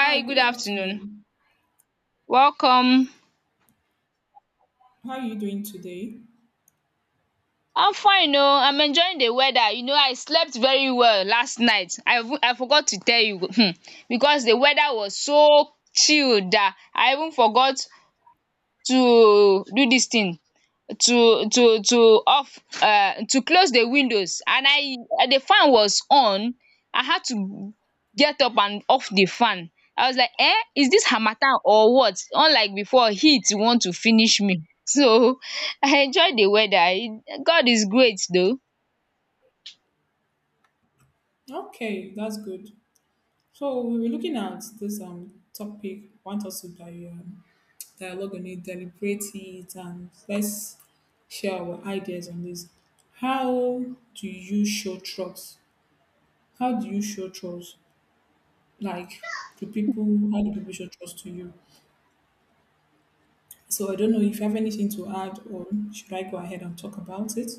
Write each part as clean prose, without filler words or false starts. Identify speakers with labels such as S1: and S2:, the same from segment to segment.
S1: Hi, good
S2: good afternoon.
S1: afternoon.
S2: Welcome.
S1: How are you doing today?
S2: I'm fine oh. I'm enjoying the weather. You know, I slept very well last night. I forgot to tell you because the weather was so chilled dat I even forgot to do dis thing to off to close the windows, and I the fan was on. I had to get up and off the fan. I was like, eh, is this harmattan or what? Unlike before, heat want to finish me so I enjoy the weather. It- God is great though.
S1: Okay, that's good. So we were looking at this topic. Want us to dialogue on it, deliberate it, and let's share our ideas on this. How do you show trust? How do you show trust? Like, do people? How do people show trust to you? So I don't know if you have anything to add, or should I go ahead and talk about it?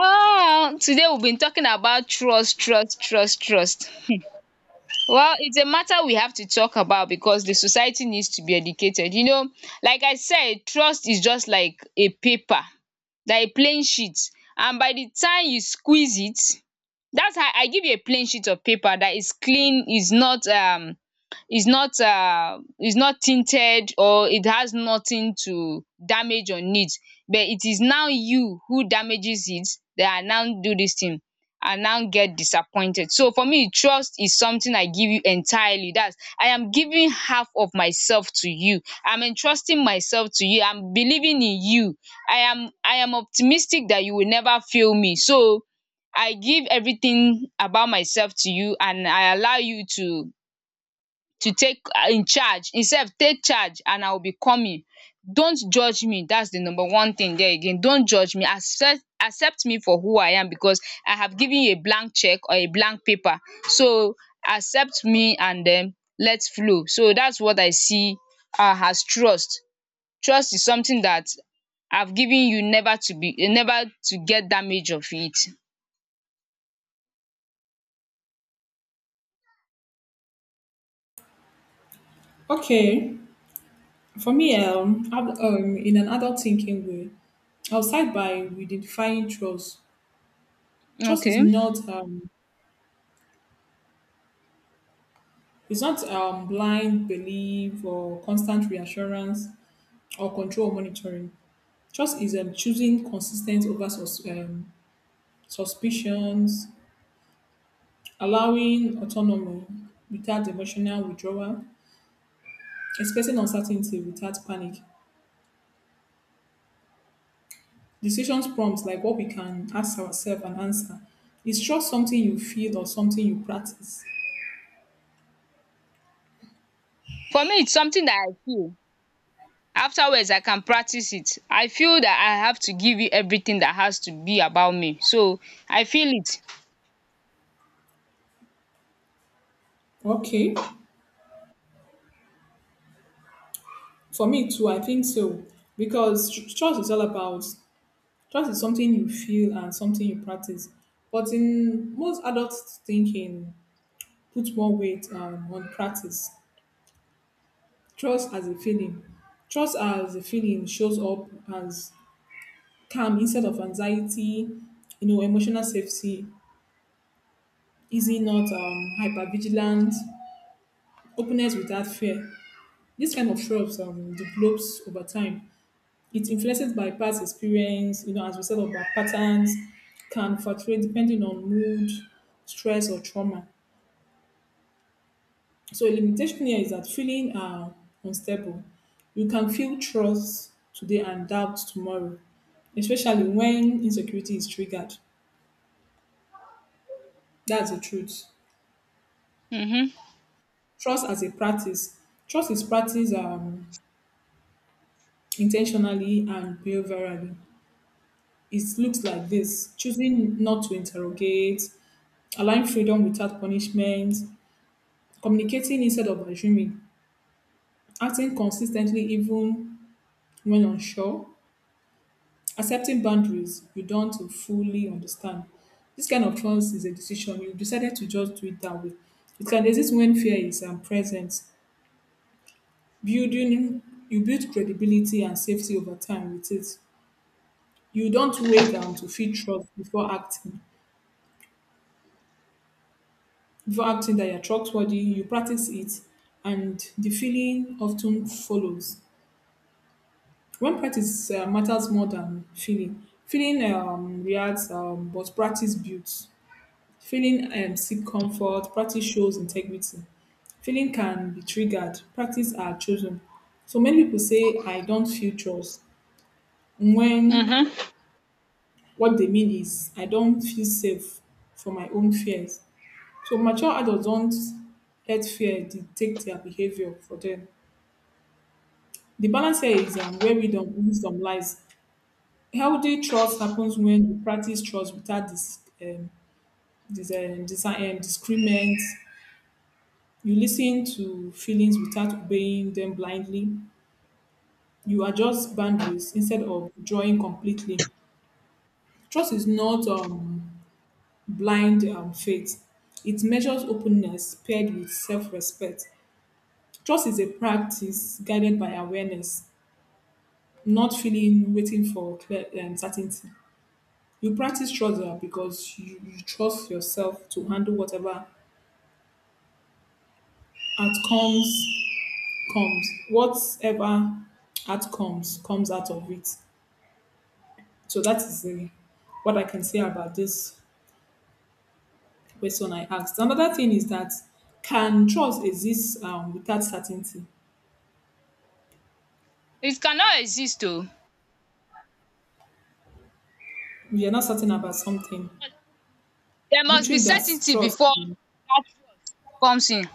S2: Today we have been talking about trust, trust, trust, trust. Well, it's a matter we have to talk about because the society needs to be educated. You know, like I said, trust is just like a paper, like a plain sheet. And by the time you squeeze it, that's how I give you a plain sheet of paper that is clean, is not is not is not tinted or it has nothing to damage on it, but it is now you who damages it, that I now do this thing, I now get disappointed. So for me, trust is something I give you entirely, dats I am giving half of myself to you, I'm entrusting myself to you, I'm believing in you. I am optimistic that you will never fail me. So I give everything about myself to you and I allow you to take in charge himself, take charge, and I will be coming. Don't judge me, that's the number one thing there. Again, don't judge me, accept me for who I am, because I have given you a blank cheque or a blank paper. So accept me and then let's flow. So that's what I see as trust. Trust is something that I've given you, never to be, never to get damage of it.
S1: Okay, for me, in an adult thinking way, outside by redefining trust. Trust is
S2: Okay,
S1: not blind belief or constant reassurance or control monitoring. Trust is choosing consistent over suspicions, allowing autonomy without emotional withdrawal, expressing uncertainty without panic. Decisions prompts like what we can ask ourselves and answer. Is trust something you feel or something you practice?
S2: for me it's something that I feel. Afterwards I can practice it. I feel that I have to give you everything that has to be about me, so I feel it.
S1: Okay. For me too, I think so. Because trust is something you feel and something you practice. But in most adult thinking, put more weight on practice. Trust as a feeling. Trust as a feeling shows up as calm instead of anxiety, you know, emotional safety, easy not hypervigilance, openness without fear. This kind of trust develops over time. It influences by past experience, you know, as we said, of by patterns, can fluctuate depending on mood, stress, or trauma. So, a limitation here is that feeling are unstable. You can feel trust today and doubt tomorrow, especially when insecurity is triggered. That's the truth.
S2: Mhm.
S1: Trust as a practice. Trust is practiced intentionally and behaviorally. It looks like this choosing not to interrogate, allowing freedom without punishment, communicating instead of assuming, acting consistently even when unsure, accepting boundaries you don't fully understand. This kind of trust is a decision. You decided to just do it that way. It can exist when fear is present. Building You build credibility and safety over time with it. You don't wait to feel trust before acting. Before acting that you're trustworthy, you practice it, and the feeling often follows. When practice matters more than feeling, reacts, but practice builds. Feeling seek comfort, practice shows integrity. Feeling can be triggered, practice are chosen. So many people say, "I don't feel trust," when
S2: Mhm.
S1: what they mean is, "I don't feel safe for my own fears." So mature adults don't let fear dictate their behavior for them. The balance here is where wisdom lies. Healthy trust happens when you practice trust without discriminate. You listen to feelings without obeying them blindly. You adjust boundaries instead of drawing completely. Trust is not blind faith. It measures openness paired with self-respect. Trust is a practice guided by awareness, not feeling waiting for clear certainty. You practice trust because you trust yourself to handle whatever outcomes comes whatever outcomes comes out of it. So that is what I can say about this question I asked. Another thing is that can trust exist without certainty?
S2: It cannot exist oh.
S1: We are not certain about something.
S2: There
S1: We
S2: must be
S1: think
S2: certainty
S1: trust.
S2: before that comes in.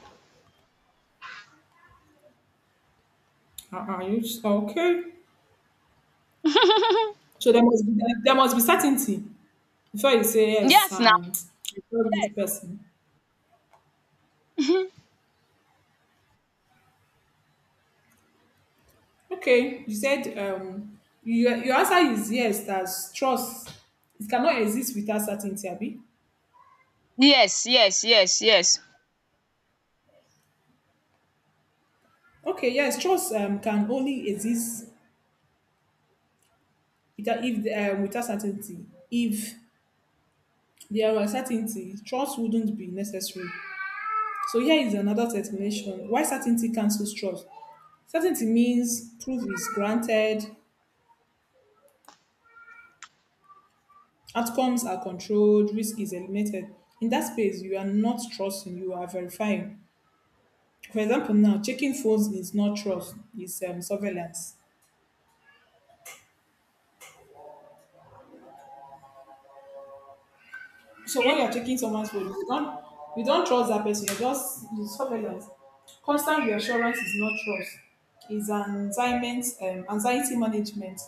S1: Are you okay? So there must be certainty before you say yes.
S2: Yes now.
S1: I trust this
S2: Yes.
S1: person.
S2: Mhm.
S1: Okay, you said your answer is yes, that trust it cannot exist without certainty, Abi.
S2: Yes, yes, yes, yes.
S1: Okay, yes, trust can only exist without, if, without certainty. If there were certainty, trust wouldn't be necessary. So here is another explanation why certainty cancels trust. Certainty means proof is granted, outcomes are controlled, risk is eliminated. In that space, you are not trusting, you are verifying. For example, now checking phones is not trust; it's surveillance. So when
S2: Okay.
S1: you're checking someone's phone, you don't trust that person. You're just it's surveillance. Constant reassurance is not trust; it's anxiety management.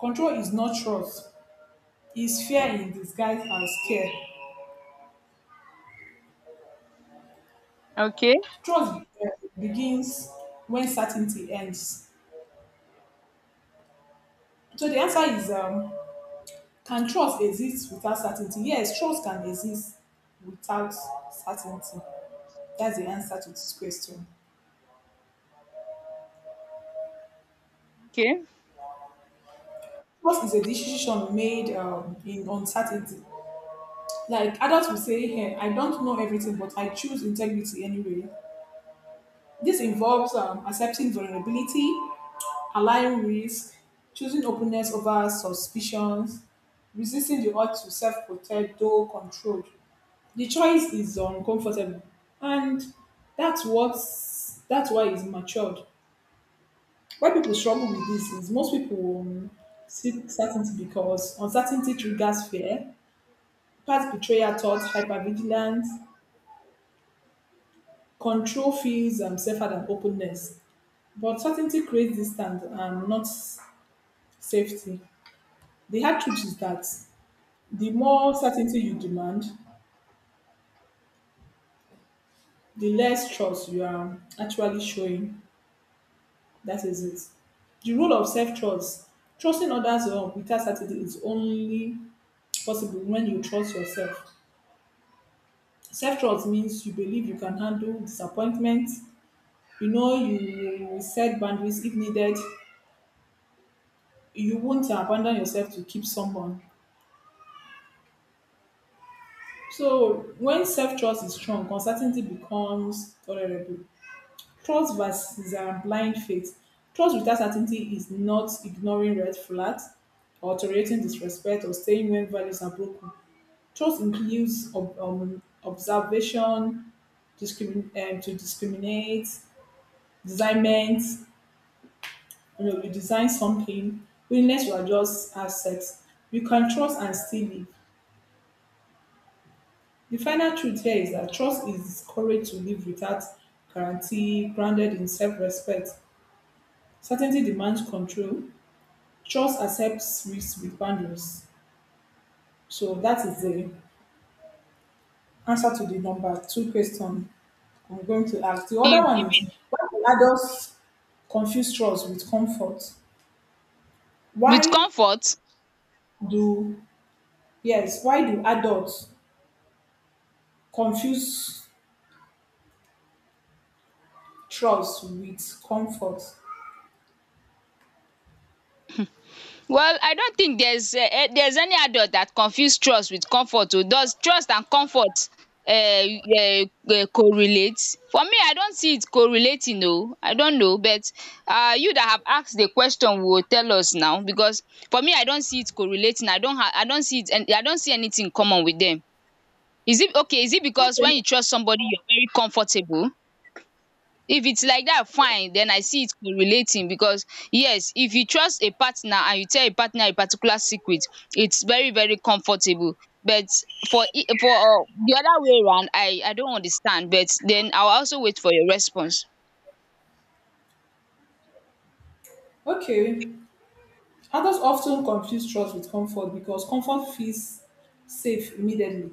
S1: Control is not trust; it's fear in disguise as care.
S2: Okay.
S1: Trust begins when certainty ends. So the answer is: can trust exist without certainty? Yes, trust can exist without certainty. That's the answer to this question.
S2: Okay,
S1: Trust is a decision made in uncertainty? Like adults will say, "Hey, I don't know everything, but I choose integrity anyway." This involves accepting vulnerability, allowing risk, choosing openness over suspicions, resisting the urge to self protect, though controlled. The choice is uncomfortable, and that's why it's matured. Why people struggle with this is most people seek certainty because uncertainty triggers fear, past betrayal thoughts, hypervigilance, control feels safer than openness. But certainty creates distance and not safety. The hard truth is that the more certainty you demand, the less trust you are actually showing. That is it. The role of self trust. Trusting others without certainty is only possible when you trust yourself. Self-trust means you believe you can handle disappointment. You know you will set boundaries if needed. You won't abandon yourself to keep someone. So when self-trust is strong, uncertainty becomes tolerable. Trust versus blind faith. Trust without certainty is not ignoring red flags or tolerating disrespect or staying when values are broken. Trust includes observation, discrimin- to discriminate, discernment, you know, you design something, willingness to adjust assets, you can trust and still live. The final truth here is that trust is courage to live without guarantee, grounded in self respect. Certainty demands control, trust accepts risks with boundaries. So that is the answer to the number two question I'm going to ask. The
S2: you
S1: other
S2: give
S1: one is
S2: in.
S1: why do adults confuse trust with comfort?
S2: With
S1: Why
S2: comfort.
S1: do yes, why do adults confuse trust with comfort.
S2: Well, I don't think there's any adult that confuse trust with comfort oh. Does trust and comfort um correlate? For me, I don't see it correlating oh. I don't know, but you that have asked the question will tell us now, because for me, I don't see it correlating. I don't see it and I don't see anything in common with them. Is it okay, is it because
S1: Okay.
S2: when you trust somebody you're very comfortable? If it's like that, fine. Then I see it correlating, because yes, if you trust a partner and you tell a partner a particular secret, it's very, very comfortable. But for I- for de other way round, I don't understand, but then I will also wait for your response.
S1: Okay. Adults often confuse trust with comfort because comfort feels safe immediately,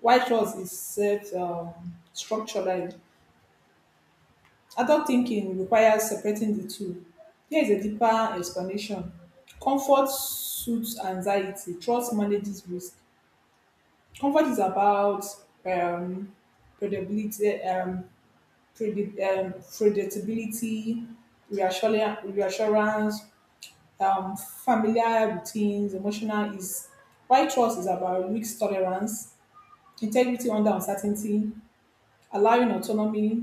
S1: while trust is set, structured. Adult thinking requires separating the two. Here is a deeper explanation. Comfort suits anxiety, trust manages risk. Comfort is about um, credibility, predictability, reassurance familiar routines, emotional is. Why trust is about risk tolerance, integrity under uncertainty, allowing autonomy,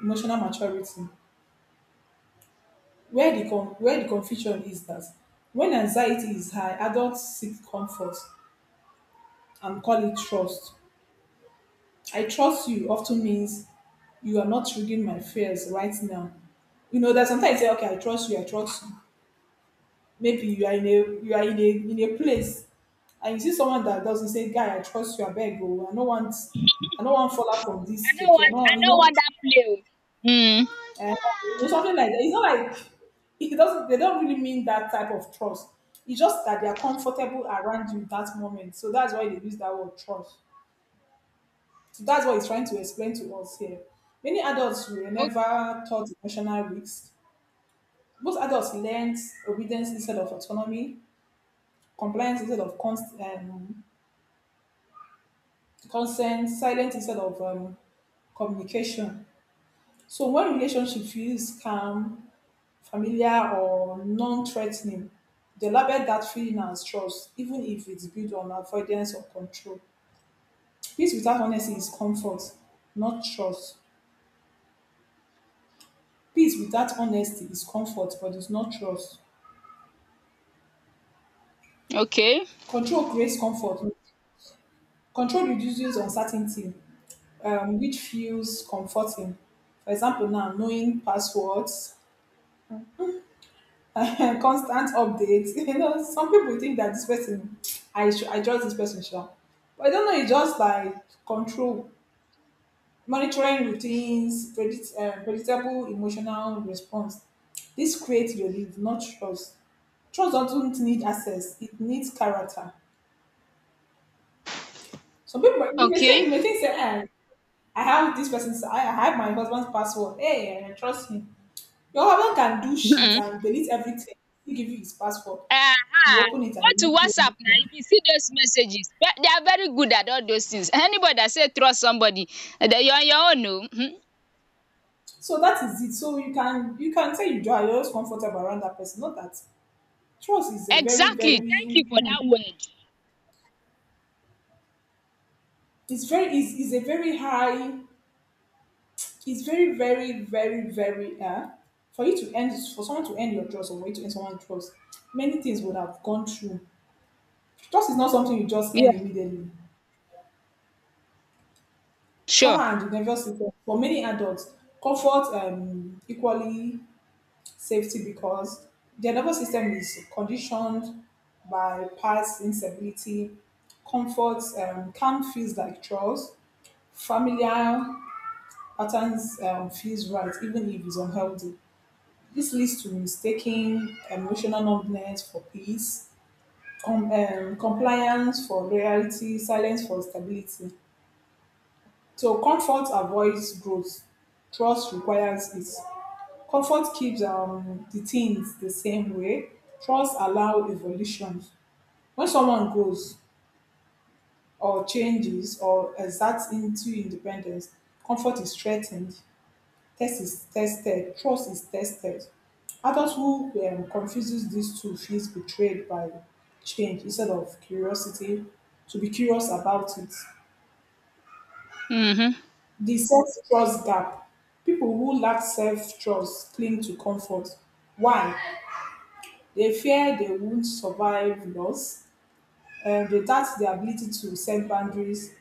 S1: emotional maturity. Where the confusion is that when anxiety is high, adults seek comfort and call it trust. "I trust you" often means you are not triggering my fears right now. You know that sometimes you say, "Okay, I trust you, I trust you." Maybe you are in a place and you see someone that doesn't say, "Guy, I trust you, I beg you. I no want fall out from this cake. I no,
S2: I
S1: want," you
S2: no
S1: know,
S2: want that play oo.
S1: and you know, something like that. It's not like it doesn't they don't really mean that type of trust. It's just that they are comfortable around you that moment. So that's why they use that word "trust." So that's what he's trying to explain to us here. Many adults were
S2: um
S1: never taught emotional risks. Most adults learned obedience instead of autonomy, compliance instead of consent, silence instead of communication. So when relationship feels calm, familiar, or non-threatening, they label that feeling as trust, even if it's built on avoidance or control. Peace without honesty is comfort, not trust. Peace without honesty is comfort, but it's not trust.
S2: okay.
S1: Control creates comfort. Control reduces uncertainty, which feels comforting. For example, now knowing passwords, constant updates. You know, some people think that this person, I should, I trust this person, sure. But I don't know. It's just like control, monitoring routines, predictable emotional response. This creates relief, not trust. Trust doesn't need access; it needs character. Some people, you may say,
S2: Okay.
S1: you may think, say, eh, I have this I have my husband's password. Hey, I trust him. Your husband can do shit
S2: um
S1: and delete everything. He give you his password.
S2: um
S1: You open it
S2: Go
S1: and you
S2: to
S1: not see
S2: WhatsApp now,
S1: anything.
S2: if you see those messages, they are very good at all those things. Anybody that say trust somebody, you are on your own oo.
S1: So that is it. So you can say you just comfortable around that person. Not that trust is a very
S2: Exactly.
S1: very
S2: Thank you for
S1: hmm,
S2: that word.
S1: it's very is a very high it's very very very very for you to end for someone to end your trust or for you to end someone's trust many things would have gone through. Trust is not something you just end
S2: Yeah.
S1: immediately.
S2: Sure.
S1: Trauma and the nervous system for many adults comfort equally safety because their nervous system is conditioned by past instability, comfort can feels like chores, familiar patterns feels right even if it's unhealthy. This leads to mistaking emotional numbness for peace, compliance for loyalty, silence for stability. So comfort avoids growth, trust requires it. Comfort keeps the things the same way. Trust allow evolution. When someone goes or changes or exerts into independence, comfort is threatened, trust is tested. Adults who confuses these two feels betrayed by change instead of curiosity, to be curious about it.
S2: Mm-hmm.
S1: The self-trust gap. People who lack self-trust cling to comfort. Why? They fear they won't survive loss, and they doubt their ability to set boundaries.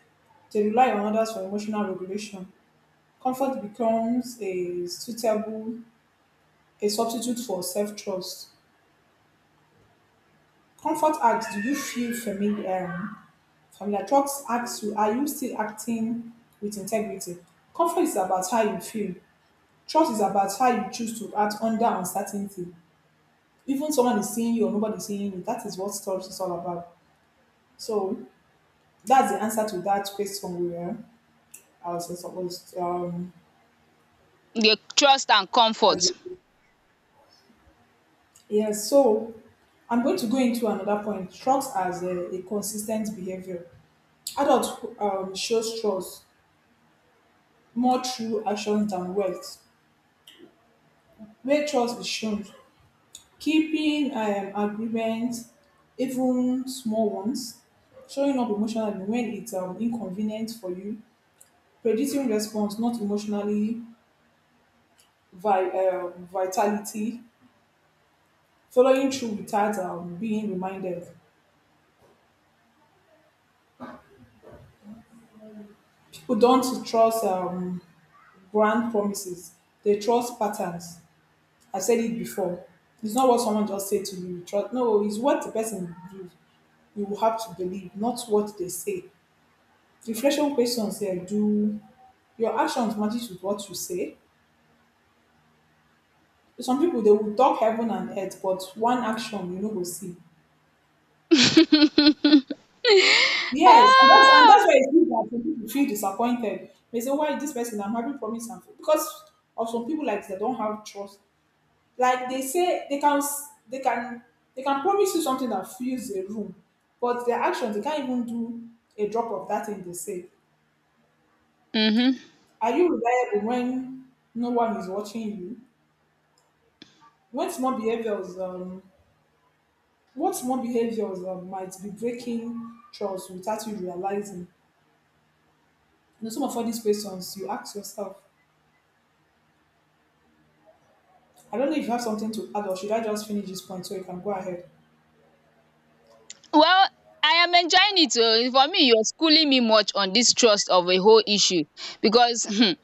S1: They rely on others for emotional regulation. Comfort becomes a substitute for self-trust. Comfort asks, "Do you feel familiar?" Familiar trust asks you, "Are you still acting with integrity?" Comfort is about how you feel. Trust is about how you choose to act under uncertainty. Even someone is seeing you or nobody is seeing you. That is what trust is all about. So that's the answer to that question where I was supposed
S2: The trust and
S1: as-
S2: comfort.
S1: yeah, so I'm going to go into another point. Trust as a consistent behavior. Adults shows trust more through actions than words. Where trust is shown, keeping agreements, even small ones, showing up emotionally when it's inconvenient for you, predicting response, not emotionally vitality, following through without being reminded. People don't trust grand promises, they trust patterns. I said it before. It's not what someone just said to you. Trust. No, it's what the person do. You will have to believe, not what they say. Reflection questions here: do your actions match with what you say? Some people they will talk heaven and earth, but one action you know go see. Yes, and that's and
S2: Ah.
S1: that's why it's good that some people feel disappointed. They say, "Why this person? I'm having promise and fail." because of some people like they don't have trust. Like they say, they can they can promise you something that fills a room, but their actions they can't even do a drop of that thing they say.
S2: Mm-hmm.
S1: Are you reliable when no one is watching you? When small behaviors, what small behaviors might be breaking trust without you realizing? You know, some of all these questions you ask yourself. I don't know if you have something to add or should I just finish this point so you can go ahead?
S2: Well, I am enjoying it oh. For me, you're schooling me much on this trust of a whole issue because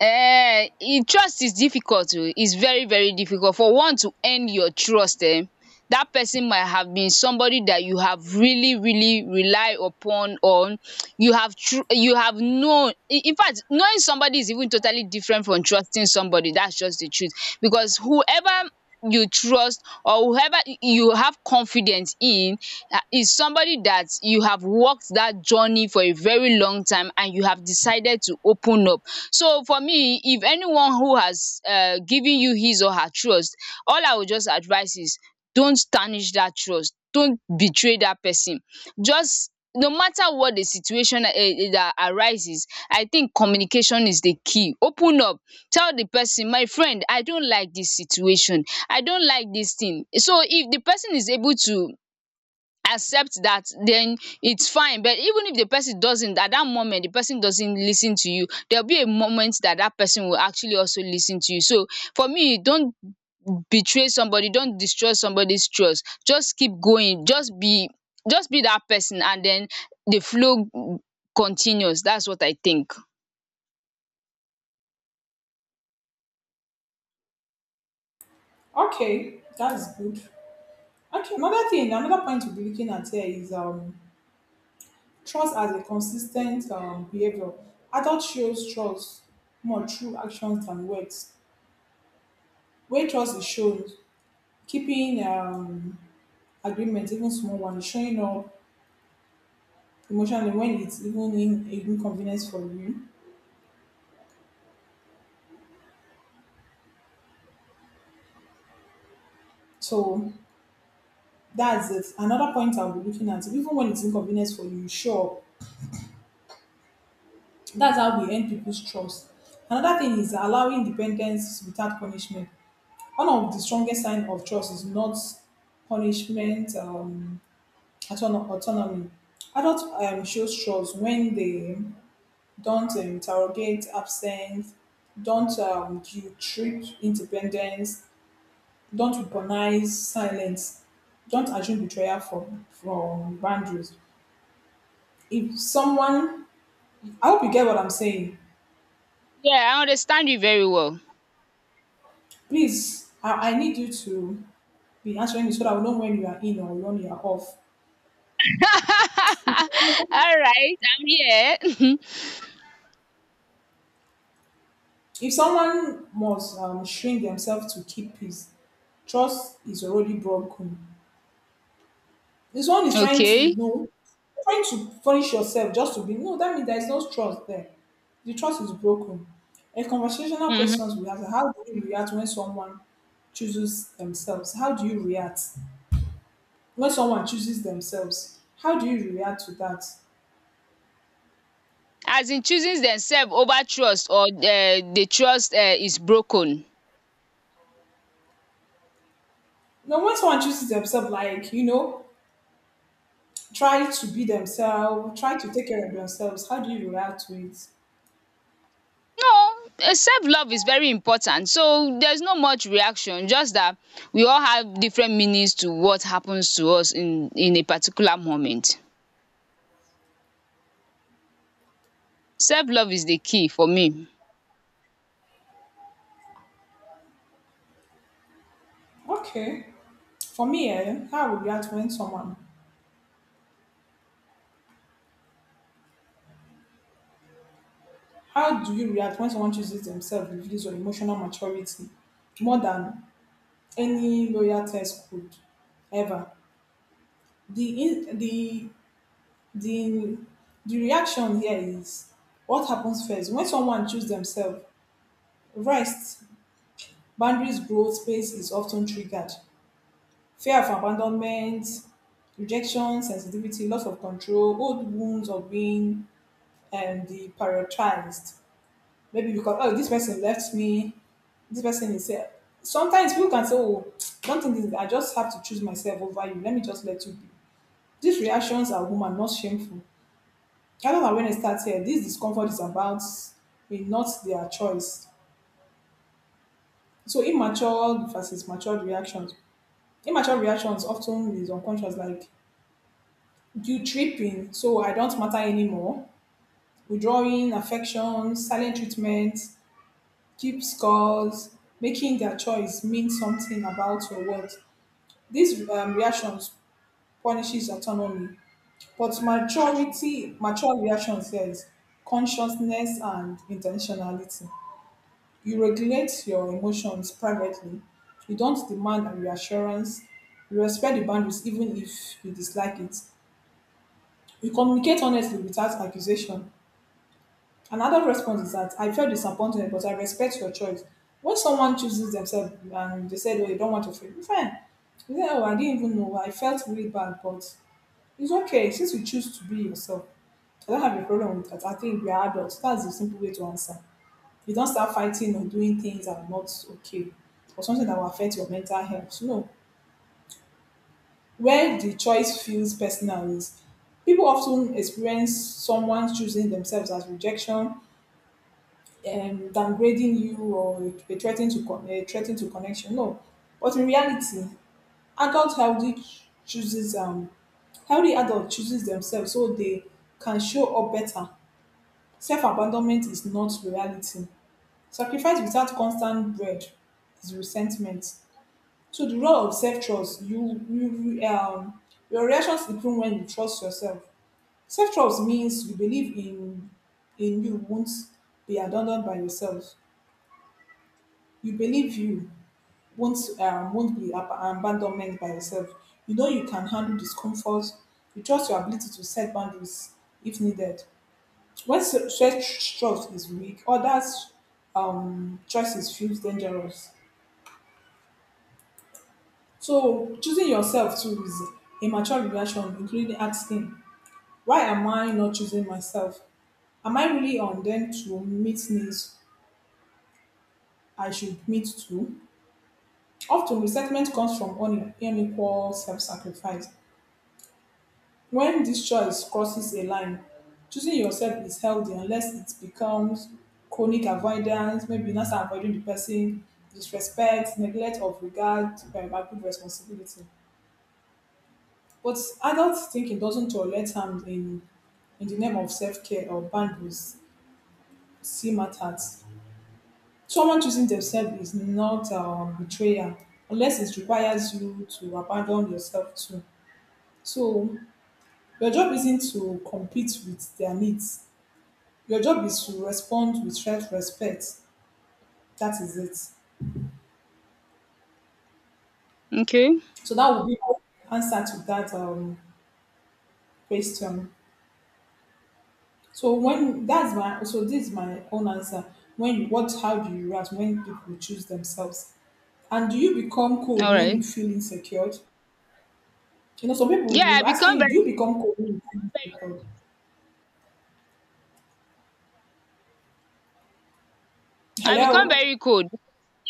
S2: eh, e trust is difficult o, is very, very difficult for one to earn your trust. That person might have been somebody that you have really, really rely upon on you have tru- you have known. In fact, knowing somebody is even totally different from trusting somebody, that's just the truth. Because whoever you trust or whoever y- you have confidence in, is somebody that you have walked that journey for a very long time and you have decided to open up. So for me, if anyone who has given you his or her trust, all I would just advise is, don't tarnish that trust. Don't betray that person. Just, no matter what the situation that arises, I think communication is the key. Open up. Tell the person, my friend, I don't like this situation. I don't like this thing. So if the person is able to accept that, then it's fine. But even if the person doesn't, at that moment the person doesn't listen to you, there'll be a moment that that person will actually also listen to you. So for me, don't betray somebody, don't destroy somebody's trust. Just keep going, just be that person, and then the flow continues. That's what I think.
S1: Okay, that's good. Okay, another thing, another point to be looking at here is trust as a consistent behavior. Adult shows trust more through actions than words. Where trust is shown, keeping agreements, even small ones, showing up emotionally when it's even in inconvenience for you. So that's it. Another point I'll be looking at, even when it's inconvenience for you, sure. That's how we earn people's trust. Another thing is allowing independence without punishment. One of the strongest signs of trust is not punishment, autonomy. Adults show trust when they don't interrogate absence, don't guilt trip independence, don't weaponize silence, don't assume betrayal from boundaries. If someone, I hope you get what I'm saying.
S2: Yeah, I understand you very well.
S1: Please, I need you to be answering me so that I will know when you are in or when you are off.
S2: All right, I'm here.
S1: If someone must shrink themselves to keep peace, trust is already broken. This one is trying to
S2: Okay.
S1: know, trying to punish yourself just to be. No, that means there is no trust there. The trust is broken. A conversational
S2: Mhm.
S1: questions we ask: How do you react when someone chooses themselves? How do you react when someone chooses themselves? How do you react to that?
S2: As in choosing themselves over trust, or the trust is broken.
S1: Now, when someone chooses themselves, like you know, try to be themselves, try to take care of themselves. How do you react to it?
S2: No, self-love is very important, so there's no much reaction, just that we all have different meanings to what happens to us in a particular moment. Self-love is the key for me.
S1: Okay. For me, eh, how I would react when someone, how do you react when someone chooses themselves with this or emotional maturity more than any lawyer test could ever? The, in, the, the, the reaction here is what happens first? When someone chooses themselves, rest, boundaries, growth, space is often triggered. Fear of abandonment, rejection, sensitivity, loss of control, old wounds of being deprioritized. Maybe because, oh, this person left me, this person is here. Sometimes people can say, oh, don't think this, I just have to choose myself over you. Let me just let you be. These reactions are human, not shameful. I don't know when I start here, this discomfort is about me, not their choice. So immature versus matured reactions. Immature reactions often is unconscious, like guilt tripping, so I don't matter anymore, withdrawing affection, silent treatment, keep scores, making their choice mean something about your worth. These reactions punishes autonomy, but maturity, mature reaction says consciousness and intentionality. You regulate your emotions privately. You don't demand a reassurance. You respect the boundaries even if you dislike it. You communicate honestly without accusation. Another response is that I felt disappointed, but I respect your choice. When someone chooses themselves and they said, "Oh, you don't want to fail," fine. You say, "Oh, I didn't even know. I felt really bad, but it's okay since you choose to be yourself. I don't have a problem with that. I think we are adults." That's the simple way to answer. You don't start fighting or doing things that are not okay or something that will affect your mental health. No, where the choice feels personal is people often experience someone choosing themselves as rejection downgrading you or they threaten to connection. No, but in reality, adult healthy ch- chooses healthy adult chooses themselves so they can show up better. Self abandonment is not reality. Sacrifice without constant bread is resentment. So the role of self trust, you your reactions improve when you trust yourself. Self trust means you believe in you won't be abandoned by yourself. You believe you won't be abandonment by yourself. You know you can handle discomfort. You trust your ability to set boundaries if needed. When such trust is weak, others' choices feels dangerous. So choosing yourself too is a mature reaction, including asking, "Why am I not choosing myself? Am I really on them to meet needs I should meet too?" Often resentment comes from unequal self-sacrifice. When this choice crosses a line, choosing yourself is healthy unless it becomes chronic avoidance, maybe you now start avoiding the person, disrespect, neglect of regard, parental responsibility. But adult thinking doesn't tolerate harm in the name of self care or boundaries, see matters. Someone choosing themselves is not betrayal unless it requires you to abandon yourself too. So your job isn't to compete with their needs. Your job is to respond with self-respect. That is it.
S2: Okay,
S1: So that would be my answer to that question. So when that's my so this is my own answer. When you what how do you react when people choose themselves? And do you become cold when you
S2: alright.
S1: feel insecure? You know, some people will
S2: Yeah,
S1: be
S2: I
S1: asking
S2: become
S1: you, do you
S2: very cold.
S1: become cold when you feel insecure?
S2: I become
S1: Hello?
S2: very cold.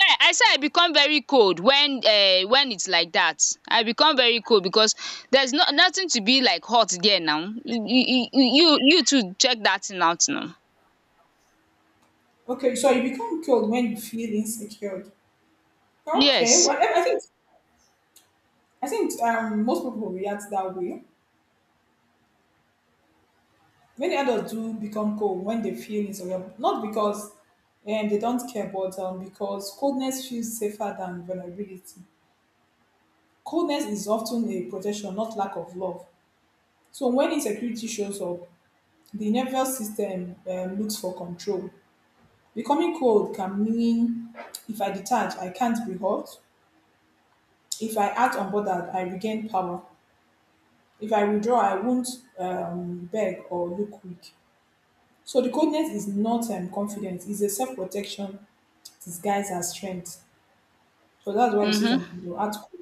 S2: Yeah, I say I become very cold when its like that. I become very cold because there's no nothing to be like hot there now. You you too check that thing out now.
S1: Okay, so you become cold when you feel insecure. Okay,
S2: Yes.
S1: well, I think I think most people react that way. Many adults do become cold when they feel insecure, not because and they don't care, but because coldness feels safer than vulnerability. Coldness is often a protection, not lack of love. So when insecurity shows up, the nervous system looks for control. Becoming cold can mean if I detach, I can't be hurt. If I act unbothered, I regain power. If I withdraw, I won't beg or look weak. So the coldness is not confidence; it's a self-protection disguise as strength. So that's why you see some
S2: um
S1: people act cool.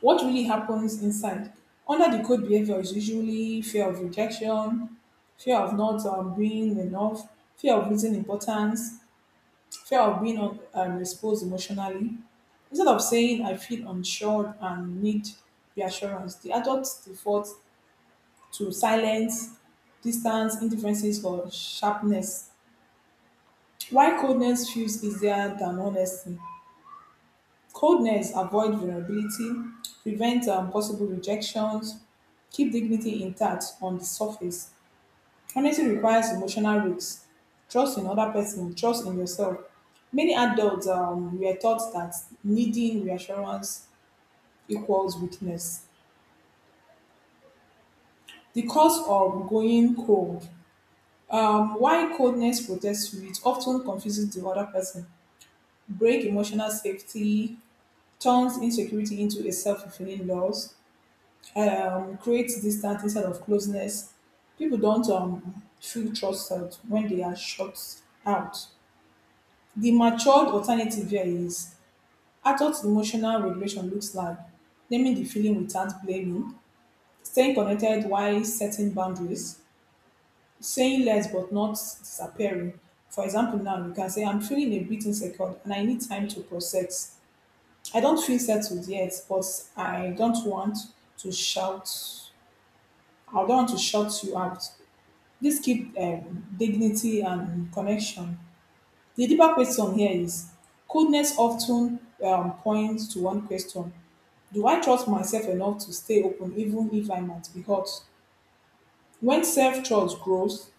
S1: What really happens inside? Under the code behavior is usually fear of rejection, fear of not being enough, fear of losing importance, fear of being exposed emotionally. Instead of saying, I feel unsure and need reassurance, the adults default to silence, distance, indifferences, or sharpness. Why coldness feels easier than honesty? Coldness avoid vulnerability, prevent possible rejections, keep dignity intact on the surface. Honesty requires emotional risks, trust in other person, trust in yourself. Many adults were taught that needing reassurance equals weakness. The cause of going cold. Why coldness protects you, it often confuses the other person, break emotional safety, turns insecurity into a self-fulfilling loss, creates distance instead of closeness. People don't feel trusted when they are shut out. The matured alternative here is adult emotional regulation looks like naming the feeling without blaming, staying connected while setting boundaries, saying less but not disappearing. For example, now you can say, I'm feeling a bit insecure and I need time to process. I don't feel settled yet, but I don't want to shout. I don't want to shout you out. This keep dignity and connection. The deeper question here is coldness often points to one question: Do I trust myself enough to stay open even if I might be hurt? When self trust grows,